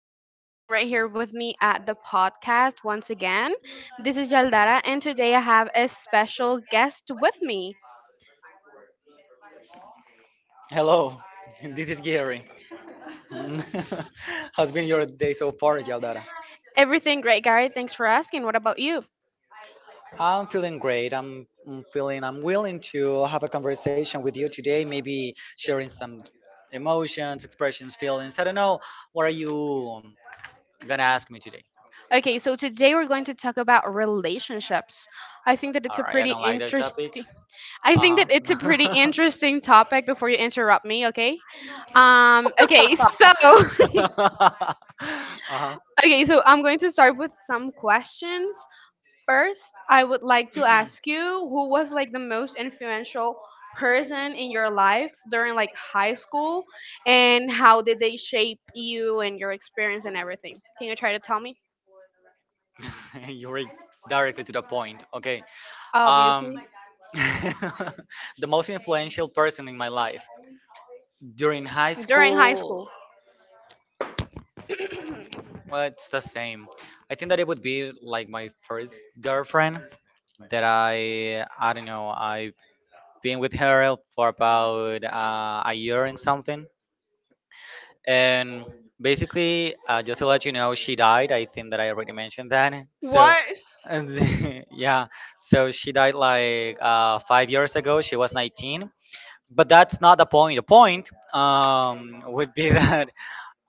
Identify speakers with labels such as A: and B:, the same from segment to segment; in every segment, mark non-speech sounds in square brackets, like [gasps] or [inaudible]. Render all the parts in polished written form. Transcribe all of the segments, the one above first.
A: so much for being right here with me at the podcast once again. This is Yaldara, and today I have a special guest with me.
B: Hello, [laughs] this is Gary. [laughs] How's been your day so far, Yaldara?
A: Everything great, Gary. Thanks for asking. What about you?
B: I'm feeling great. I'm feeling I'm willing to have a conversation with you today, maybe sharing some emotions, expressions, feelings. I don't know. What are you um, gonna ask me today?
A: Okay, so today we're going to talk about relationships. I think that
B: All
A: it's a
B: right, I
A: pretty
B: don't like that topic.
A: interesting. I think
B: Uh
A: that it's a pretty
B: huh. [laughs]
A: interesting topic. Before you interrupt me, okay? Okay. [laughs] So. [laughs]
B: [laughs] uh
A: Okay. So I'm going to start with some questions. First, I would like to ask you who was like the most influential person in your life during like high school and how did they shape you and your experience and everything? Can you try to tell me?
B: [laughs] you are directly to the point. Okay. Um,
A: Obviously.
B: [laughs] the most influential person in my life during high
A: During high school.
B: school. Well, it's the same. I think that it would be like my first girlfriend that I don't know I've been with her for about a year and something, and basically, just to let you know, she died. I think that I already mentioned that. So,
A: What?
B: and [laughs] yeah, so she died like 5 years ago. She was 19. But that's not the point. The point would be [laughs] that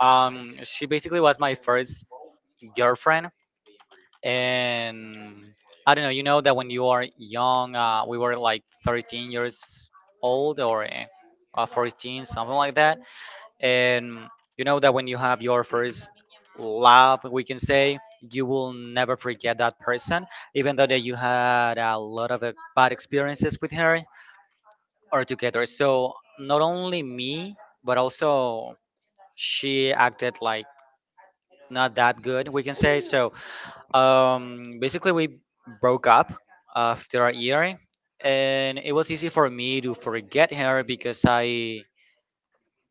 B: she basically was my first girlfriend. And I don't know, you know that when you are young, we were like 13 years old or 14, something like that, and you know that when you have your first love we can say, you will never forget that person, even though that you had a lot of bad experiences with her or together. So not only me but also she acted like not that good, we can say. So basically we broke up after a year, and it was easy for me to forget her because i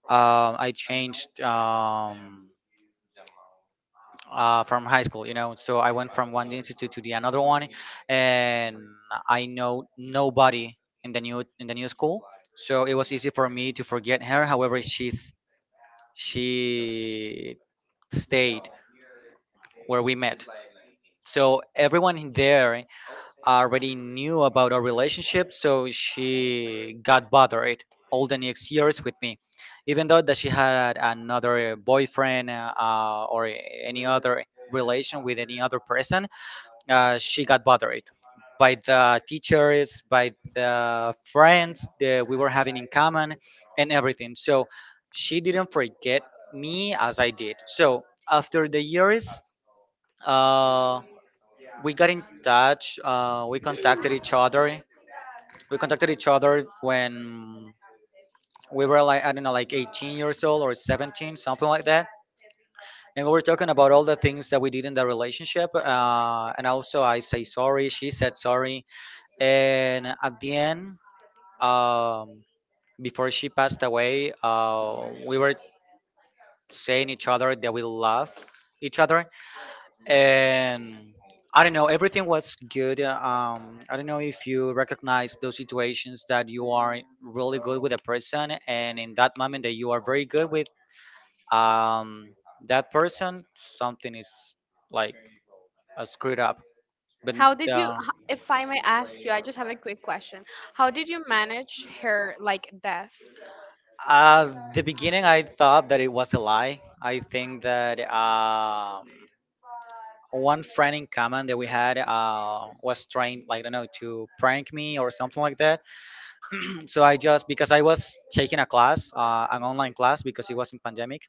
B: um i changed from high school, you know. So I went from one institute to the another one, and I know nobody in the new school. So it was easy for me to forget her. However, she stayed where we met. So everyone in there already knew about our relationship. So she got bothered all the next years with me, even though that she had another boyfriend or any other relation with any other person. She got bothered by the teachers, by the friends that we were having in common, and everything. So she didn't forget me as I did. So after the years, uh, we got in touch. We contacted each other. We contacted each other when we were like I don't know, like 18 years old or 17, something like that. And we were talking about all the things that we did in the relationship. And also, I say sorry. She said sorry, and at the end um, before she passed away, we were saying each other that we love each other. And I don't know, everything was good. I don't know if you recognize those situations that you are really good with a person, and in that moment that you are very good with, um, that person, something is like screwed up, but
A: How did you
B: uh,
A: h- If I may ask you, I just have a quick question. How did you manage her like death?
B: at the beginning, I thought that it was a lie. I think that one friend in common that we had was trying, like, I don't know, to prank me or something like that. [clears throat] So I just, because I was taking a class, an online class, because it was in pandemic.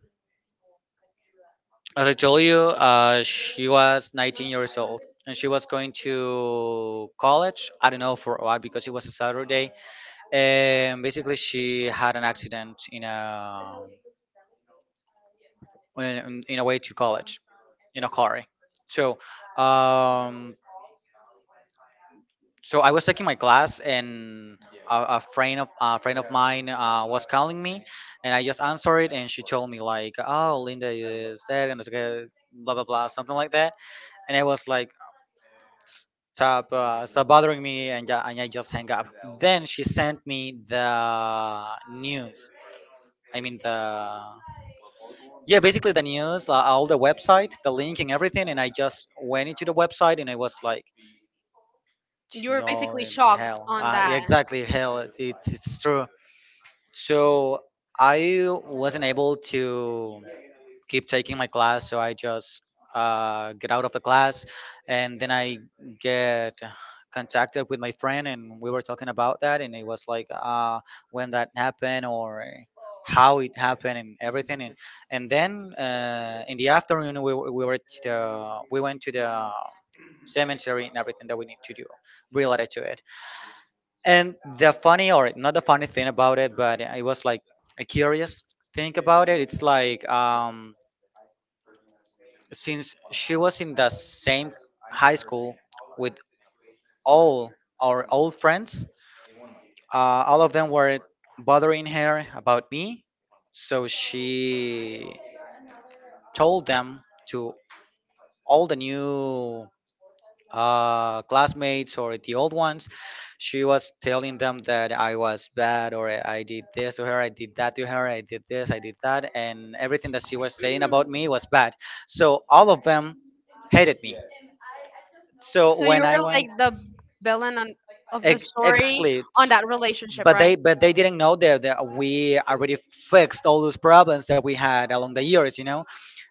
B: As I told you, she was 19 years old and she was going to college. I don't know for what, because it was a Saturday, and basically she had an accident in in a way to college in a car. So um, so I was taking my class, and a friend of mine was calling me, and I just answered it, and she told me like, "Oh, Linda is dead, and it's okay, blah blah blah," something like that, and I was like, stop, stop bothering me, and and I just hang up. Then she sent me the news. I mean the, yeah, basically the news, all the website, the link and everything, and I just went into the website and I was like,
A: You were
B: no,
A: basically
B: in
A: shocked
B: hell.
A: on
B: Yeah,
A: that.
B: exactly hell. It's true. So I wasn't able to keep taking my class, so I just get out of the class, and then I get contacted with my friend, and we were talking about that, and it was like, when that happened or how it happened and everything. And then in the afternoon we, we went to the cemetery and everything that we need to do related to it. And the funny, or not the funny thing about it, but it was like a curious think about it, it's like, since she was in the same high school with all our old friends. All of them were bothering her about me, so she told them, to all the new classmates or the old ones. She was telling them that I was bad, or I did this to her, I did that to her, I did this, I did that, and everything that she was saying about me was bad. So all of them hated me. So
A: So you
B: when I
A: were like
B: went,
A: the villain on, of the story
B: exactly,
A: on that relationship,
B: but
A: right?
B: they didn't know that, that we already fixed all those problems that we had along the years. You know,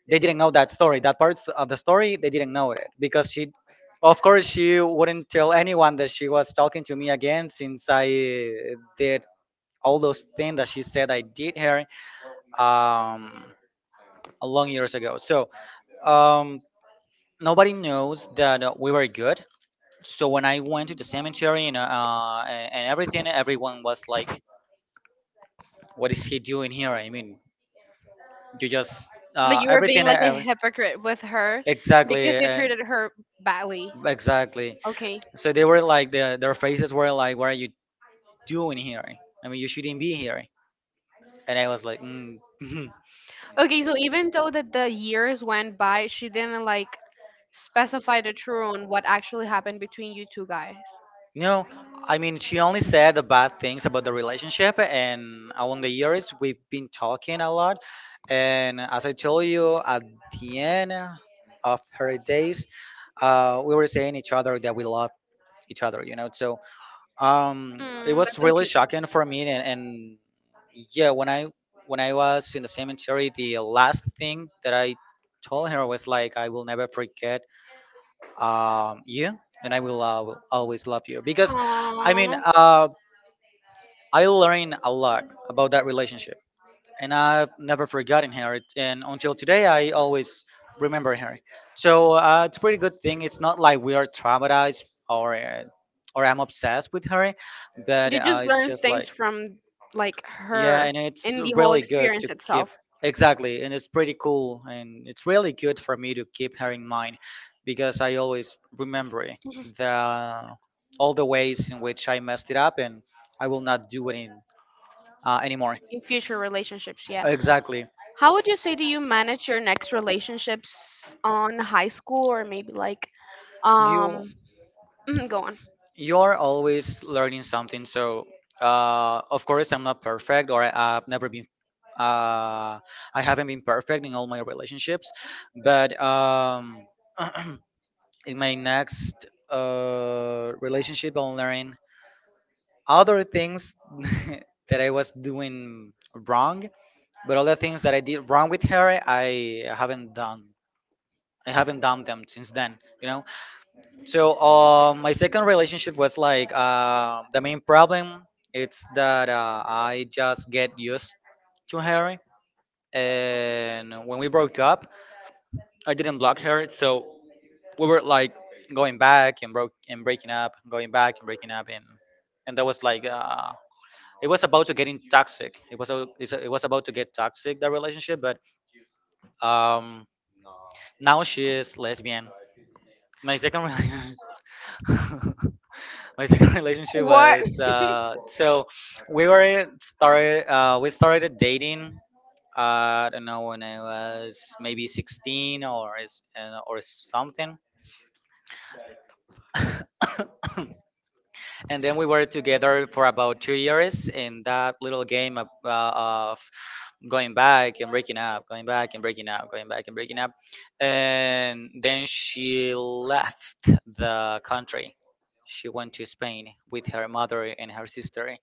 B: they didn't know that story, that part of the story. They didn't know it because she, of course, she wouldn't tell anyone that she was talking to me again since I did all those things that she said I did her um, a long years ago. So um, nobody knows that we were good. So when I went to the cemetery and everything, everyone was like, "What is he doing here?" I mean, you just
A: Like you were being
B: everything,
A: like a hypocrite with her because
B: exactly,
A: you treated her badly.
B: exactly.
A: Okay.
B: So they were like, their faces were like, "What are you doing here? I mean, you shouldn't be here." And I was like, mm, [laughs]
A: Okay, so even though that the years went by, she didn't like specify the truth on what actually happened between you two guys.
B: "No." I mean, she only said the bad things about the relationship, and along the years, we've been talking a lot. And as I told you, at the end, of her days, we were saying each other that we love each other, you know. So it
A: Mm,
B: was
A: that's so
B: really
A: cute.
B: shocking for me, and yeah, when I was in the cemetery, the last thing that I told her was like, "I will never forget you, and I will always love you." Because, I mean,
A: Aww.
B: I learned a lot about that relationship and I've never forgotten her. And until today, I always remember her. So it's a pretty good thing. It's not like we are traumatized or uh, or I'm obsessed with her, but
A: You just
B: it's
A: learn
B: just
A: things
B: like,
A: from like
B: yeah,
A: her
B: and it's
A: in the whole
B: really good to
A: experience
B: keep,
A: itself.
B: exactly, and it's pretty cool, and it's really good for me to keep her in mind because I always remember
A: [laughs]
B: the all the ways in which I messed it up, and I will not do it in, anymore.
A: In future relationships, yeah.
B: Exactly.
A: How would you say do you manage your next relationships on high school or maybe like
B: You.
A: um [clears throat] go on.
B: You're always learning something. So of course I'm not perfect, or I've never been uh, I haven't been perfect in all my relationships, but [clears throat] in my next relationship I'll learn other things [laughs] that I was doing wrong. But all the things that I did wrong with her I haven't done, them since then, you know. So my second relationship was like, the main problem. It's that I just get used to her, and when we broke up, I didn't block her, so we were like going back and broke and breaking up, going back and breaking up, and that was like, it was about to getting toxic. It was it was about to get toxic, that relationship, but um, now she is lesbian. My second relationship. [laughs] My second [laughs] relationship
A: What?
B: was, we started dating, I don't know, when I was maybe 16 or something, [laughs] and then we were together for about 2 years in that little game of, of going back and breaking up, going back and breaking up, going back and breaking up, and then she left the country. She went to Spain with her mother and her sister.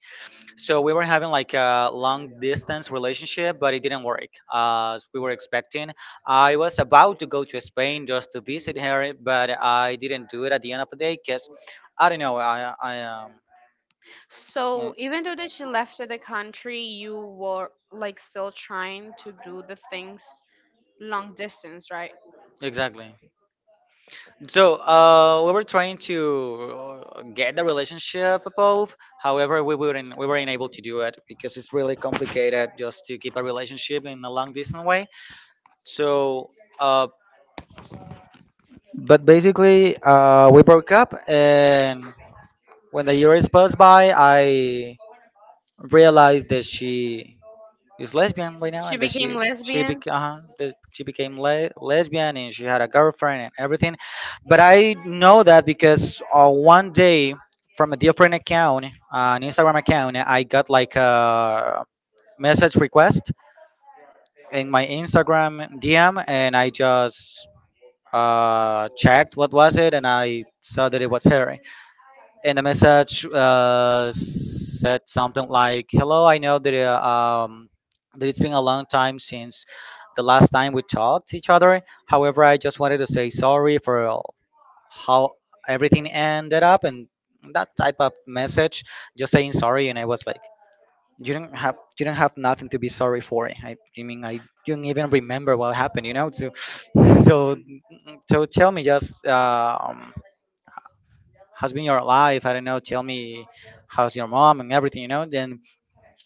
B: So we were having like a long distance relationship, but it didn't work as we were expecting. I was about to go to Spain just to visit her, but I didn't do it at the end of the day because I don't know. I I. uh,
A: So even though that she left the country, you were like still trying to do the things long distance, right?
B: Exactly. So we were trying to get the relationship above. However, we weren't able to do it because it's really complicated just to keep a relationship in a long distance way. So, uh, but basically, we broke up, and when the years passed by, I realized that she is lesbian right now,
A: She
B: and that
A: became
B: she she
A: lesbian.
B: became uh, that she became lesbian, and she had a girlfriend and everything. But I know that because one day from a different account, an Instagram account, I got like a message request in my Instagram DM, and I just checked what was it, and I saw that it was her. And the message said something like, "Hello, I know that that it's been a long time since the last time we talked to each other. However, I just wanted to say sorry for how everything ended up and that type of message, just saying sorry." And I was like, "You don't have nothing to be sorry for. I mean, I don't even remember what happened, you know." So, [laughs] [sniffs] so so tell me, just how's been your life? I don't know. Tell me, how's your mom and everything, you know? Then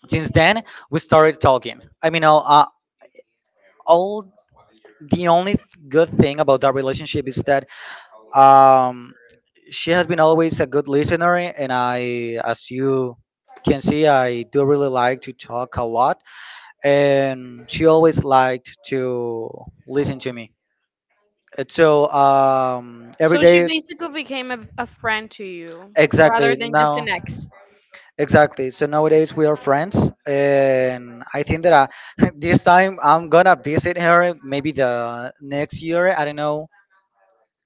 B: since then, we started talking. I mean, all the only good thing about that relationship is that um, she has been always a good listener, and I, as you can see, I do really like to talk a lot, and she always liked to listen to me. And so every
A: So she
B: day.
A: basically became a friend to you
B: Exactly.
A: rather than just
B: Now,
A: an ex.
B: exactly. So nowadays we are friends, and I think that I, [laughs] this time I'm gonna visit her maybe the next year. I don't know.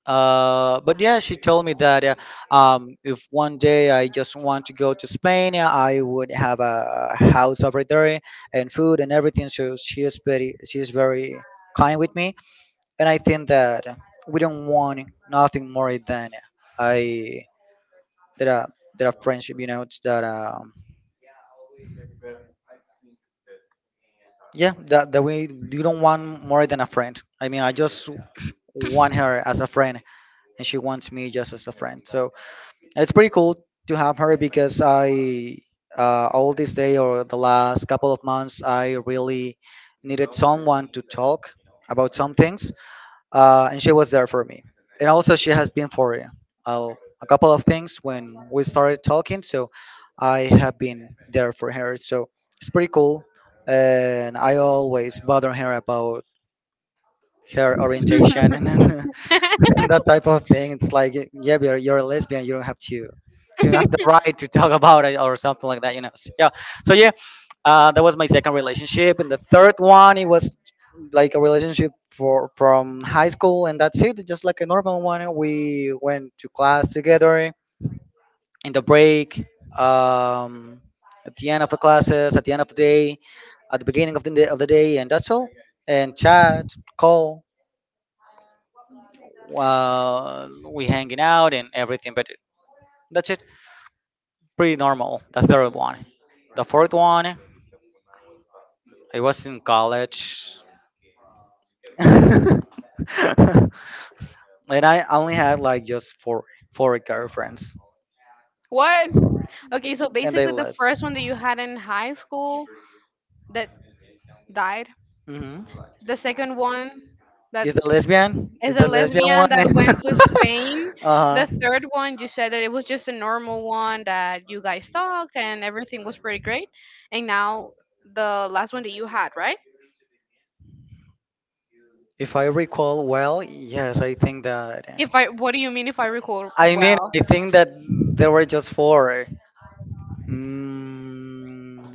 B: But yeah, she told me that if one day I just want to go to Spain, I would have a house over there and food and everything. So she is very kind with me, and I think that we don't want nothing more than I that are that are friendship, you know. It's that yeah, that, that we you don't want more than a friend. I mean, I just want her as a friend, and she wants me just as a friend. So it's pretty cool to have her because I all this day or the last couple of months, I really needed someone to talk about some things, and she was there for me. And also, she has been for uh, a couple of things when we started talking. So I have been there for her. So it's pretty cool. And I always bother her about her orientation and
A: [laughs]
B: [laughs] that type of thing. It's like, yeah, but you're a lesbian. You don't have the right to talk about it or something like that, you know. So, yeah. So yeah, that was my second relationship, and the third one it was like a relationship for from high school, and that's it. Just like a normal one, we went to class together in the break, um, at the end of the classes, at the end of the day, at the beginning of the day, and that's all. And chat, call, uh, we hanging out and everything, but that's it. Pretty normal. The fourth one, I was in college. [laughs] And I only had like just four girlfriends,
A: What? Okay, so
B: and they
A: basically the
B: list.
A: first one that you had in high school that died.
B: Hmm.
A: The second one that
B: Is the lesbian? Is
A: is a
B: the lesbian one?
A: lesbian that went to
B: [laughs]
A: Spain.
B: Uh huh.
A: The third one you said that it was just a normal one that you guys talked and everything was pretty great. And now the last one that you had, right?
B: If I recall well, yes, I think that.
A: If I, what do you mean if I recall
B: I mean, I
A: well?
B: think that there were just four. Mm,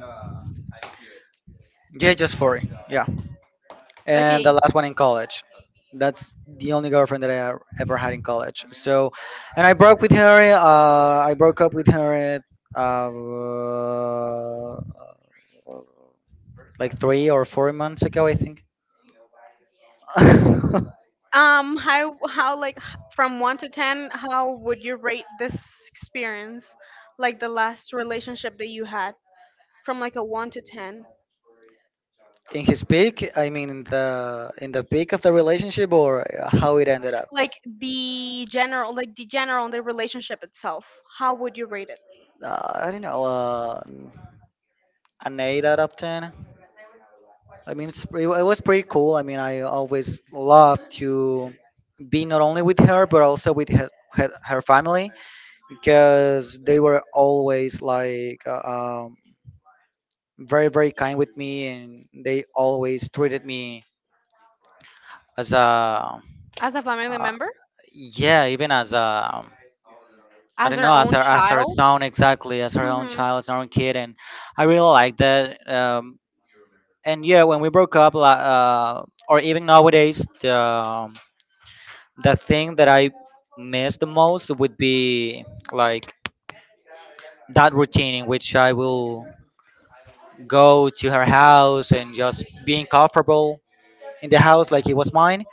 B: yeah, just four. Yeah. And
A: Okay.
B: the last one in college. That's the only girlfriend that I ever had in college. So, and I broke with her. I broke up with her uh, like three or four months ago, I think. [laughs]
A: Um how how like h- from 1 to 10, how would you rate this experience, like the last relationship that you had, from like a 1 to 10?
B: In his peak, I mean, in the peak of the relationship, or how it ended up.
A: Like the general, like the general on the relationship itself, how would you rate it?
B: I don't know. An eight out of ten. I mean, it was pretty cool. I mean, I always loved to be not only with her, but also with her family because they were always like very, very kind with me, and they always treated me as a,
A: As a family
B: uh,
A: member.
B: yeah, even as a, I
A: As
B: don't
A: her
B: know, as
A: own
B: her
A: child.
B: son exactly, as her own
A: Hmm.
B: child, as her own kid. And I really like that. And yeah, when we broke up, or even nowadays, the thing that I miss the most would be like that routine in which I will go to her house and just being comfortable in the house like it was mine.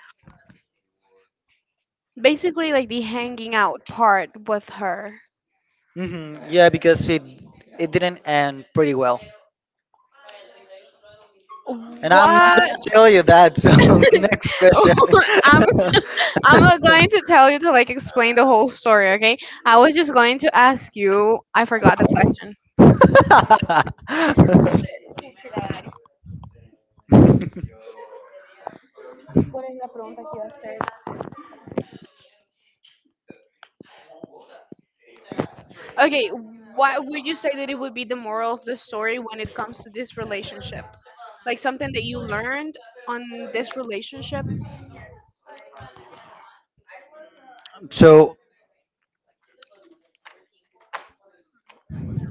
A: Basically like the hanging out part with her.
B: Hmm. Yeah, because it didn't end pretty well, and I'm not
A: What?
B: gonna tell you that. So [laughs] next question.
A: [laughs] I'm I'm not going to tell you to like explain the whole story, okay? I was just going to ask you. I forgot the question. Okay, what would you say that it would be the moral of the story when it comes to this relationship? Like something that you learned on this relationship.
B: [laughs] So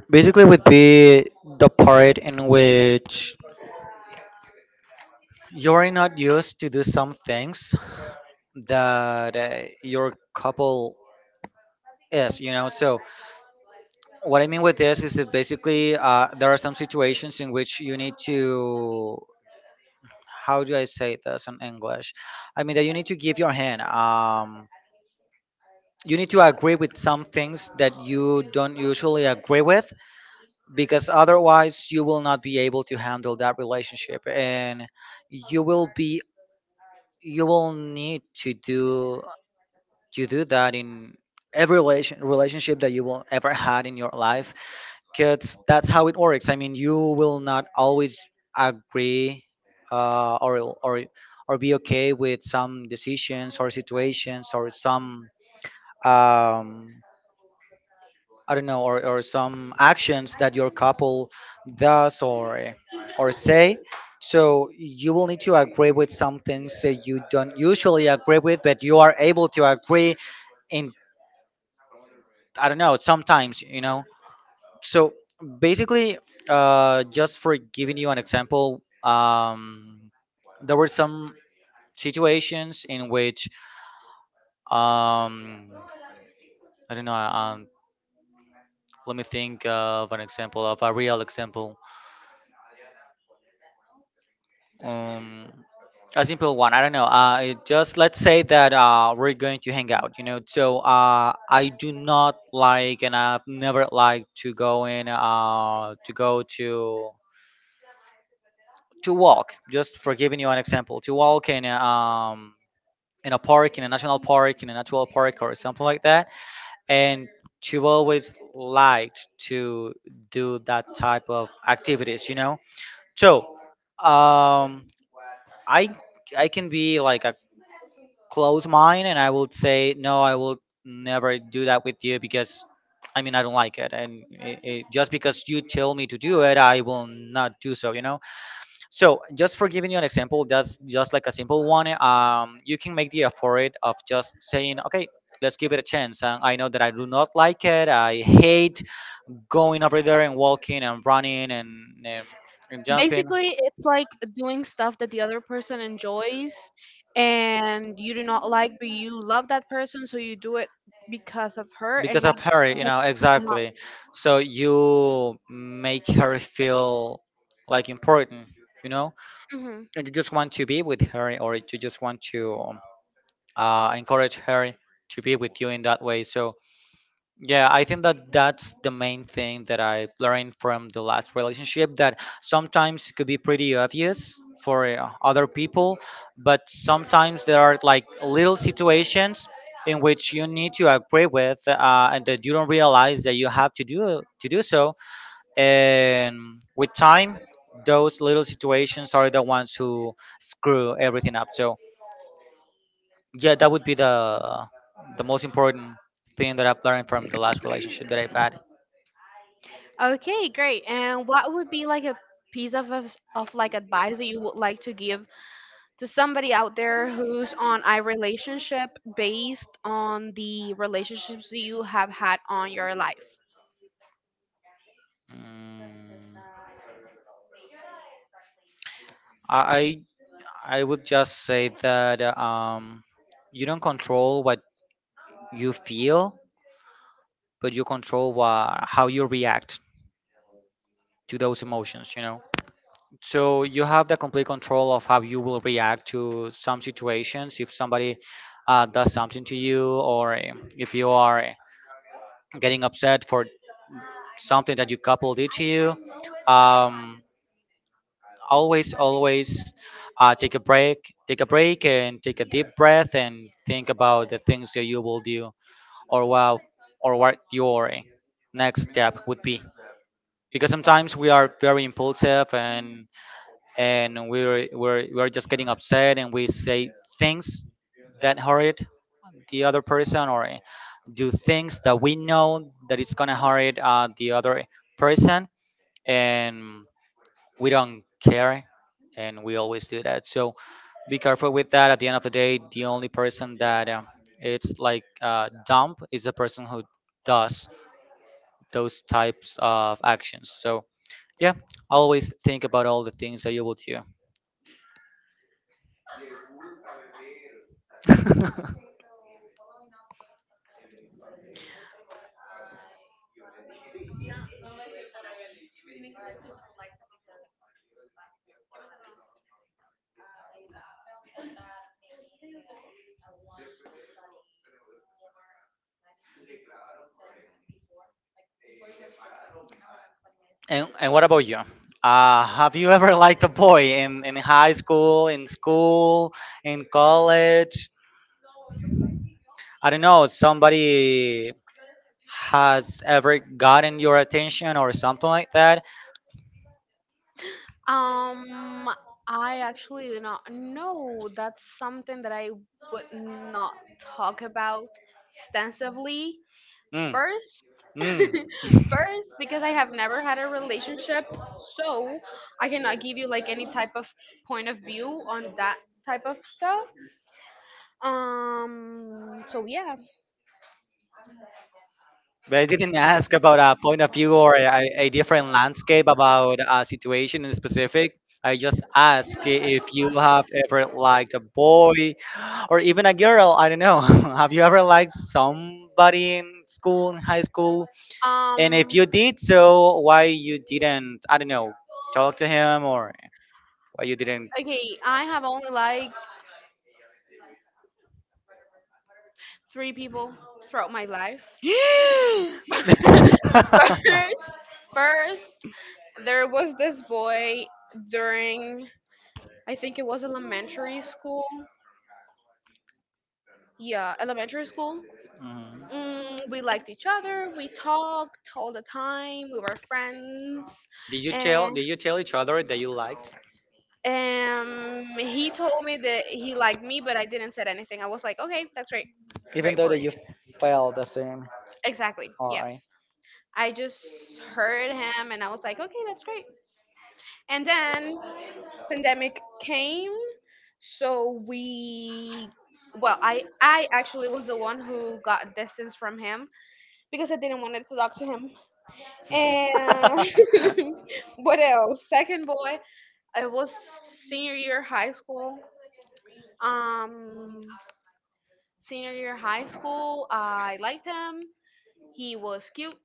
B: basically, would be the part in which you're not used to do some things that your couple is, you know. So what I mean with this is that basically there are some situations in which you need to, how do I say this in English? I mean that you need to give your hand. You need to agree with some things that you don't usually agree with, because otherwise you will not be able to handle that relationship, and you will be you will need to do, you do that in every relationship that you will ever had in your life, because that's how it works. I mean, you will not always agree uh, or or or be okay with some decisions or situations or some um, I don't know, or some actions that your couple does or say. So you will need to agree with some things that you don't usually agree with, but you are able to agree in, I don't know, sometimes, you know. So basically, just for giving you an example, there were some situations in which, um, I don't know, let me think of an example, of a real example. Um, a simple one, I don't know. It just let's say that we're going to hang out, you know. So I do not like, and I've never liked to go in, to go to walk, just for giving you an example, to walk in a park, in a national park, in a natural park, or something like that, and she always liked to do that type of activities, you know. So um i I can be like a close mind, and I will say no, I will never do that with you because I mean I don't like it, and just because you tell me to do it, I will not do so, you know. So just for giving you an example, that's just like a simple one. You can make the effort of just saying, okay, let's give it a chance. And I know that I do not like it. I hate going over there and walking and running and jumping
A: Basically, it's like doing stuff that the other person enjoys and you do not like, but you love that person, so you do it because of her and
B: because
A: not
B: of her. You
A: because
B: know,
A: of.
B: exactly. So you make her feel like important. You know,
A: Mhm.
B: and you just want to be with her, or you just want to encourage her to be with you in that way. So yeah, I think that that's the main thing that I learned from the last relationship, that sometimes it could be pretty obvious for other people, but sometimes there are like little situations in which you need to agree with and that you don't realize that you have to do so. And with time, those little situations are the ones who screw everything up. So yeah, that would be the most important thing that I've learned from the last relationship that I've had.
A: Okay, great. And what would be like a piece of like advice that you would like to give to somebody out there who's on a relationship based on the relationships that you have had on your life?
B: Mm, I would just say that you don't control what you feel, but you control how you react to those emotions. You know, so you have the complete control of how you will react to some situations. If somebody does something to you, or if you are getting upset for something that your couple did to you, um, always, take a break, and take a deep breath and think about the things that you will do, or wow, or what your next step would be. Because sometimes we are very impulsive, and we're just getting upset, and we say things that hurt the other person, or do things that we know that it's gonna hurt the other person, and we don't care, and we always do that. So be careful with that. At the end of the day, the only person that it's like dump is the person who does those types of actions. So yeah, always think about all the things that you will do. [laughs] And what about you? Have you ever liked a boy in high school, in school, in college, I don't know, somebody has ever gotten your attention or something like that?
A: Um, I actually do not know. That's something that I would not talk about extensively.
B: Mm.
A: First, [laughs]
B: Mm. [laughs]
A: first, because I have never had a relationship, so I cannot give you like any type of point of view on that type of stuff. So yeah.
B: But I didn't ask about a point of view or a different landscape about a situation in specific. I just asked if you have ever liked a boy or even a girl. I don't know. [laughs] Have you ever liked somebody in school, in high school? And if
A: Um,
B: you did so, why you didn't, I don't know, talk to him or why you didn't. [laughs]
A: okay, I have only liked three people throughout my life. [laughs]
B: [gasps]
A: First, first, there was this boy during, I think it was elementary school. Yeah, elementary school.
B: Mhm.
A: Mm, we liked each other. We talked all the time. We were friends,
B: Did you
A: and
B: tell did you tell each other that you liked?
A: he told me that he liked me, but I didn't said anything. I was like, okay, that's great,
B: Even
A: great
B: though
A: for
B: that
A: you.
B: you felt the same.
A: Exactly. Yeah.
B: Alright.
A: I just heard him, and I was like, okay, that's great. And then pandemic came. So we, well, I actually was the one who got distance from him because I didn't want to talk to him.
B: [laughs]
A: And [laughs] what else? Second boy, it was senior year high school. Um, senior year high school, I liked him. He was cute.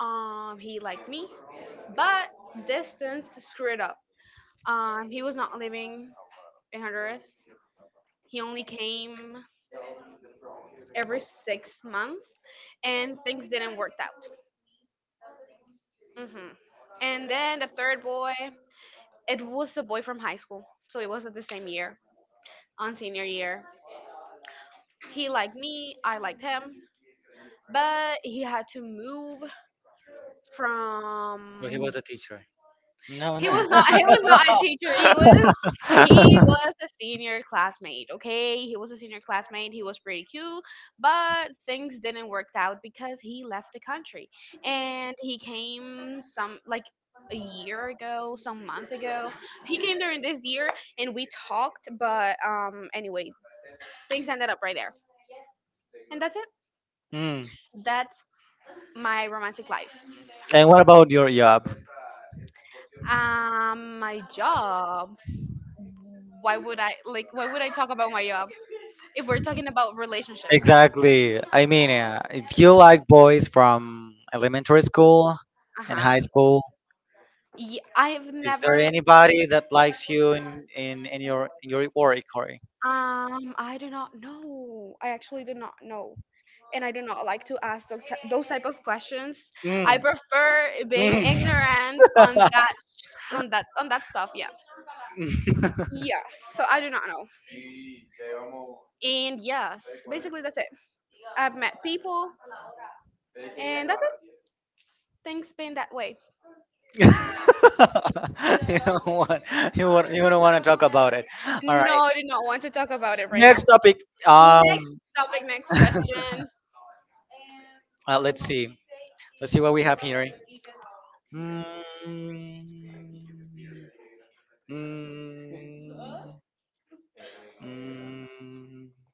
A: He liked me, but distance screwed up. He was not living in Honduras. He only came every 6 months, and things didn't work out. Hmm. And then the third boy, it was the boy from high school, so it was at the same year, on senior year. He liked me, I liked him, but he had to move
B: But he
A: from.
B: was a teacher. No,
A: He
B: no.
A: was not. He was not a [laughs] teacher. He was. He
B: [laughs]
A: was a senior classmate. Okay, he was a senior classmate. He was pretty cute, but things didn't work out because he left the country, and he came some like a year ago, some month ago. He came during this year, and we talked. But anyway, things ended up right there, and that's it.
B: Mm.
A: That's my romantic life.
B: And what about your job?
A: My job. Why would I talk about my job if we're talking about relationships?
B: Exactly. I mean, if you like boys from elementary school and
A: Uh-huh.
B: high school,
A: Yeah, I've
B: is there
A: never.
B: anybody that likes you in your work, Corey?
A: I do not know. I actually do not know. And I do not like to ask those, those type of questions. I
B: Mm.
A: prefer being
B: Mm.
A: ignorant on [laughs]
B: [laughs] [laughs]
A: that, on that, on that stuff, yeah. Yes, so I do not know. And yes, basically that's it. I've met people and that's it. Things been that way.
B: you don't want you don't want to talk about it. All
A: No,
B: right.
A: I do not want to talk about it right now.
B: Next topic.
A: Next
B: Um.
A: topic, next
B: [laughs]
A: question.
B: Let's see. Let's see what we have here. Mm, mm, mm.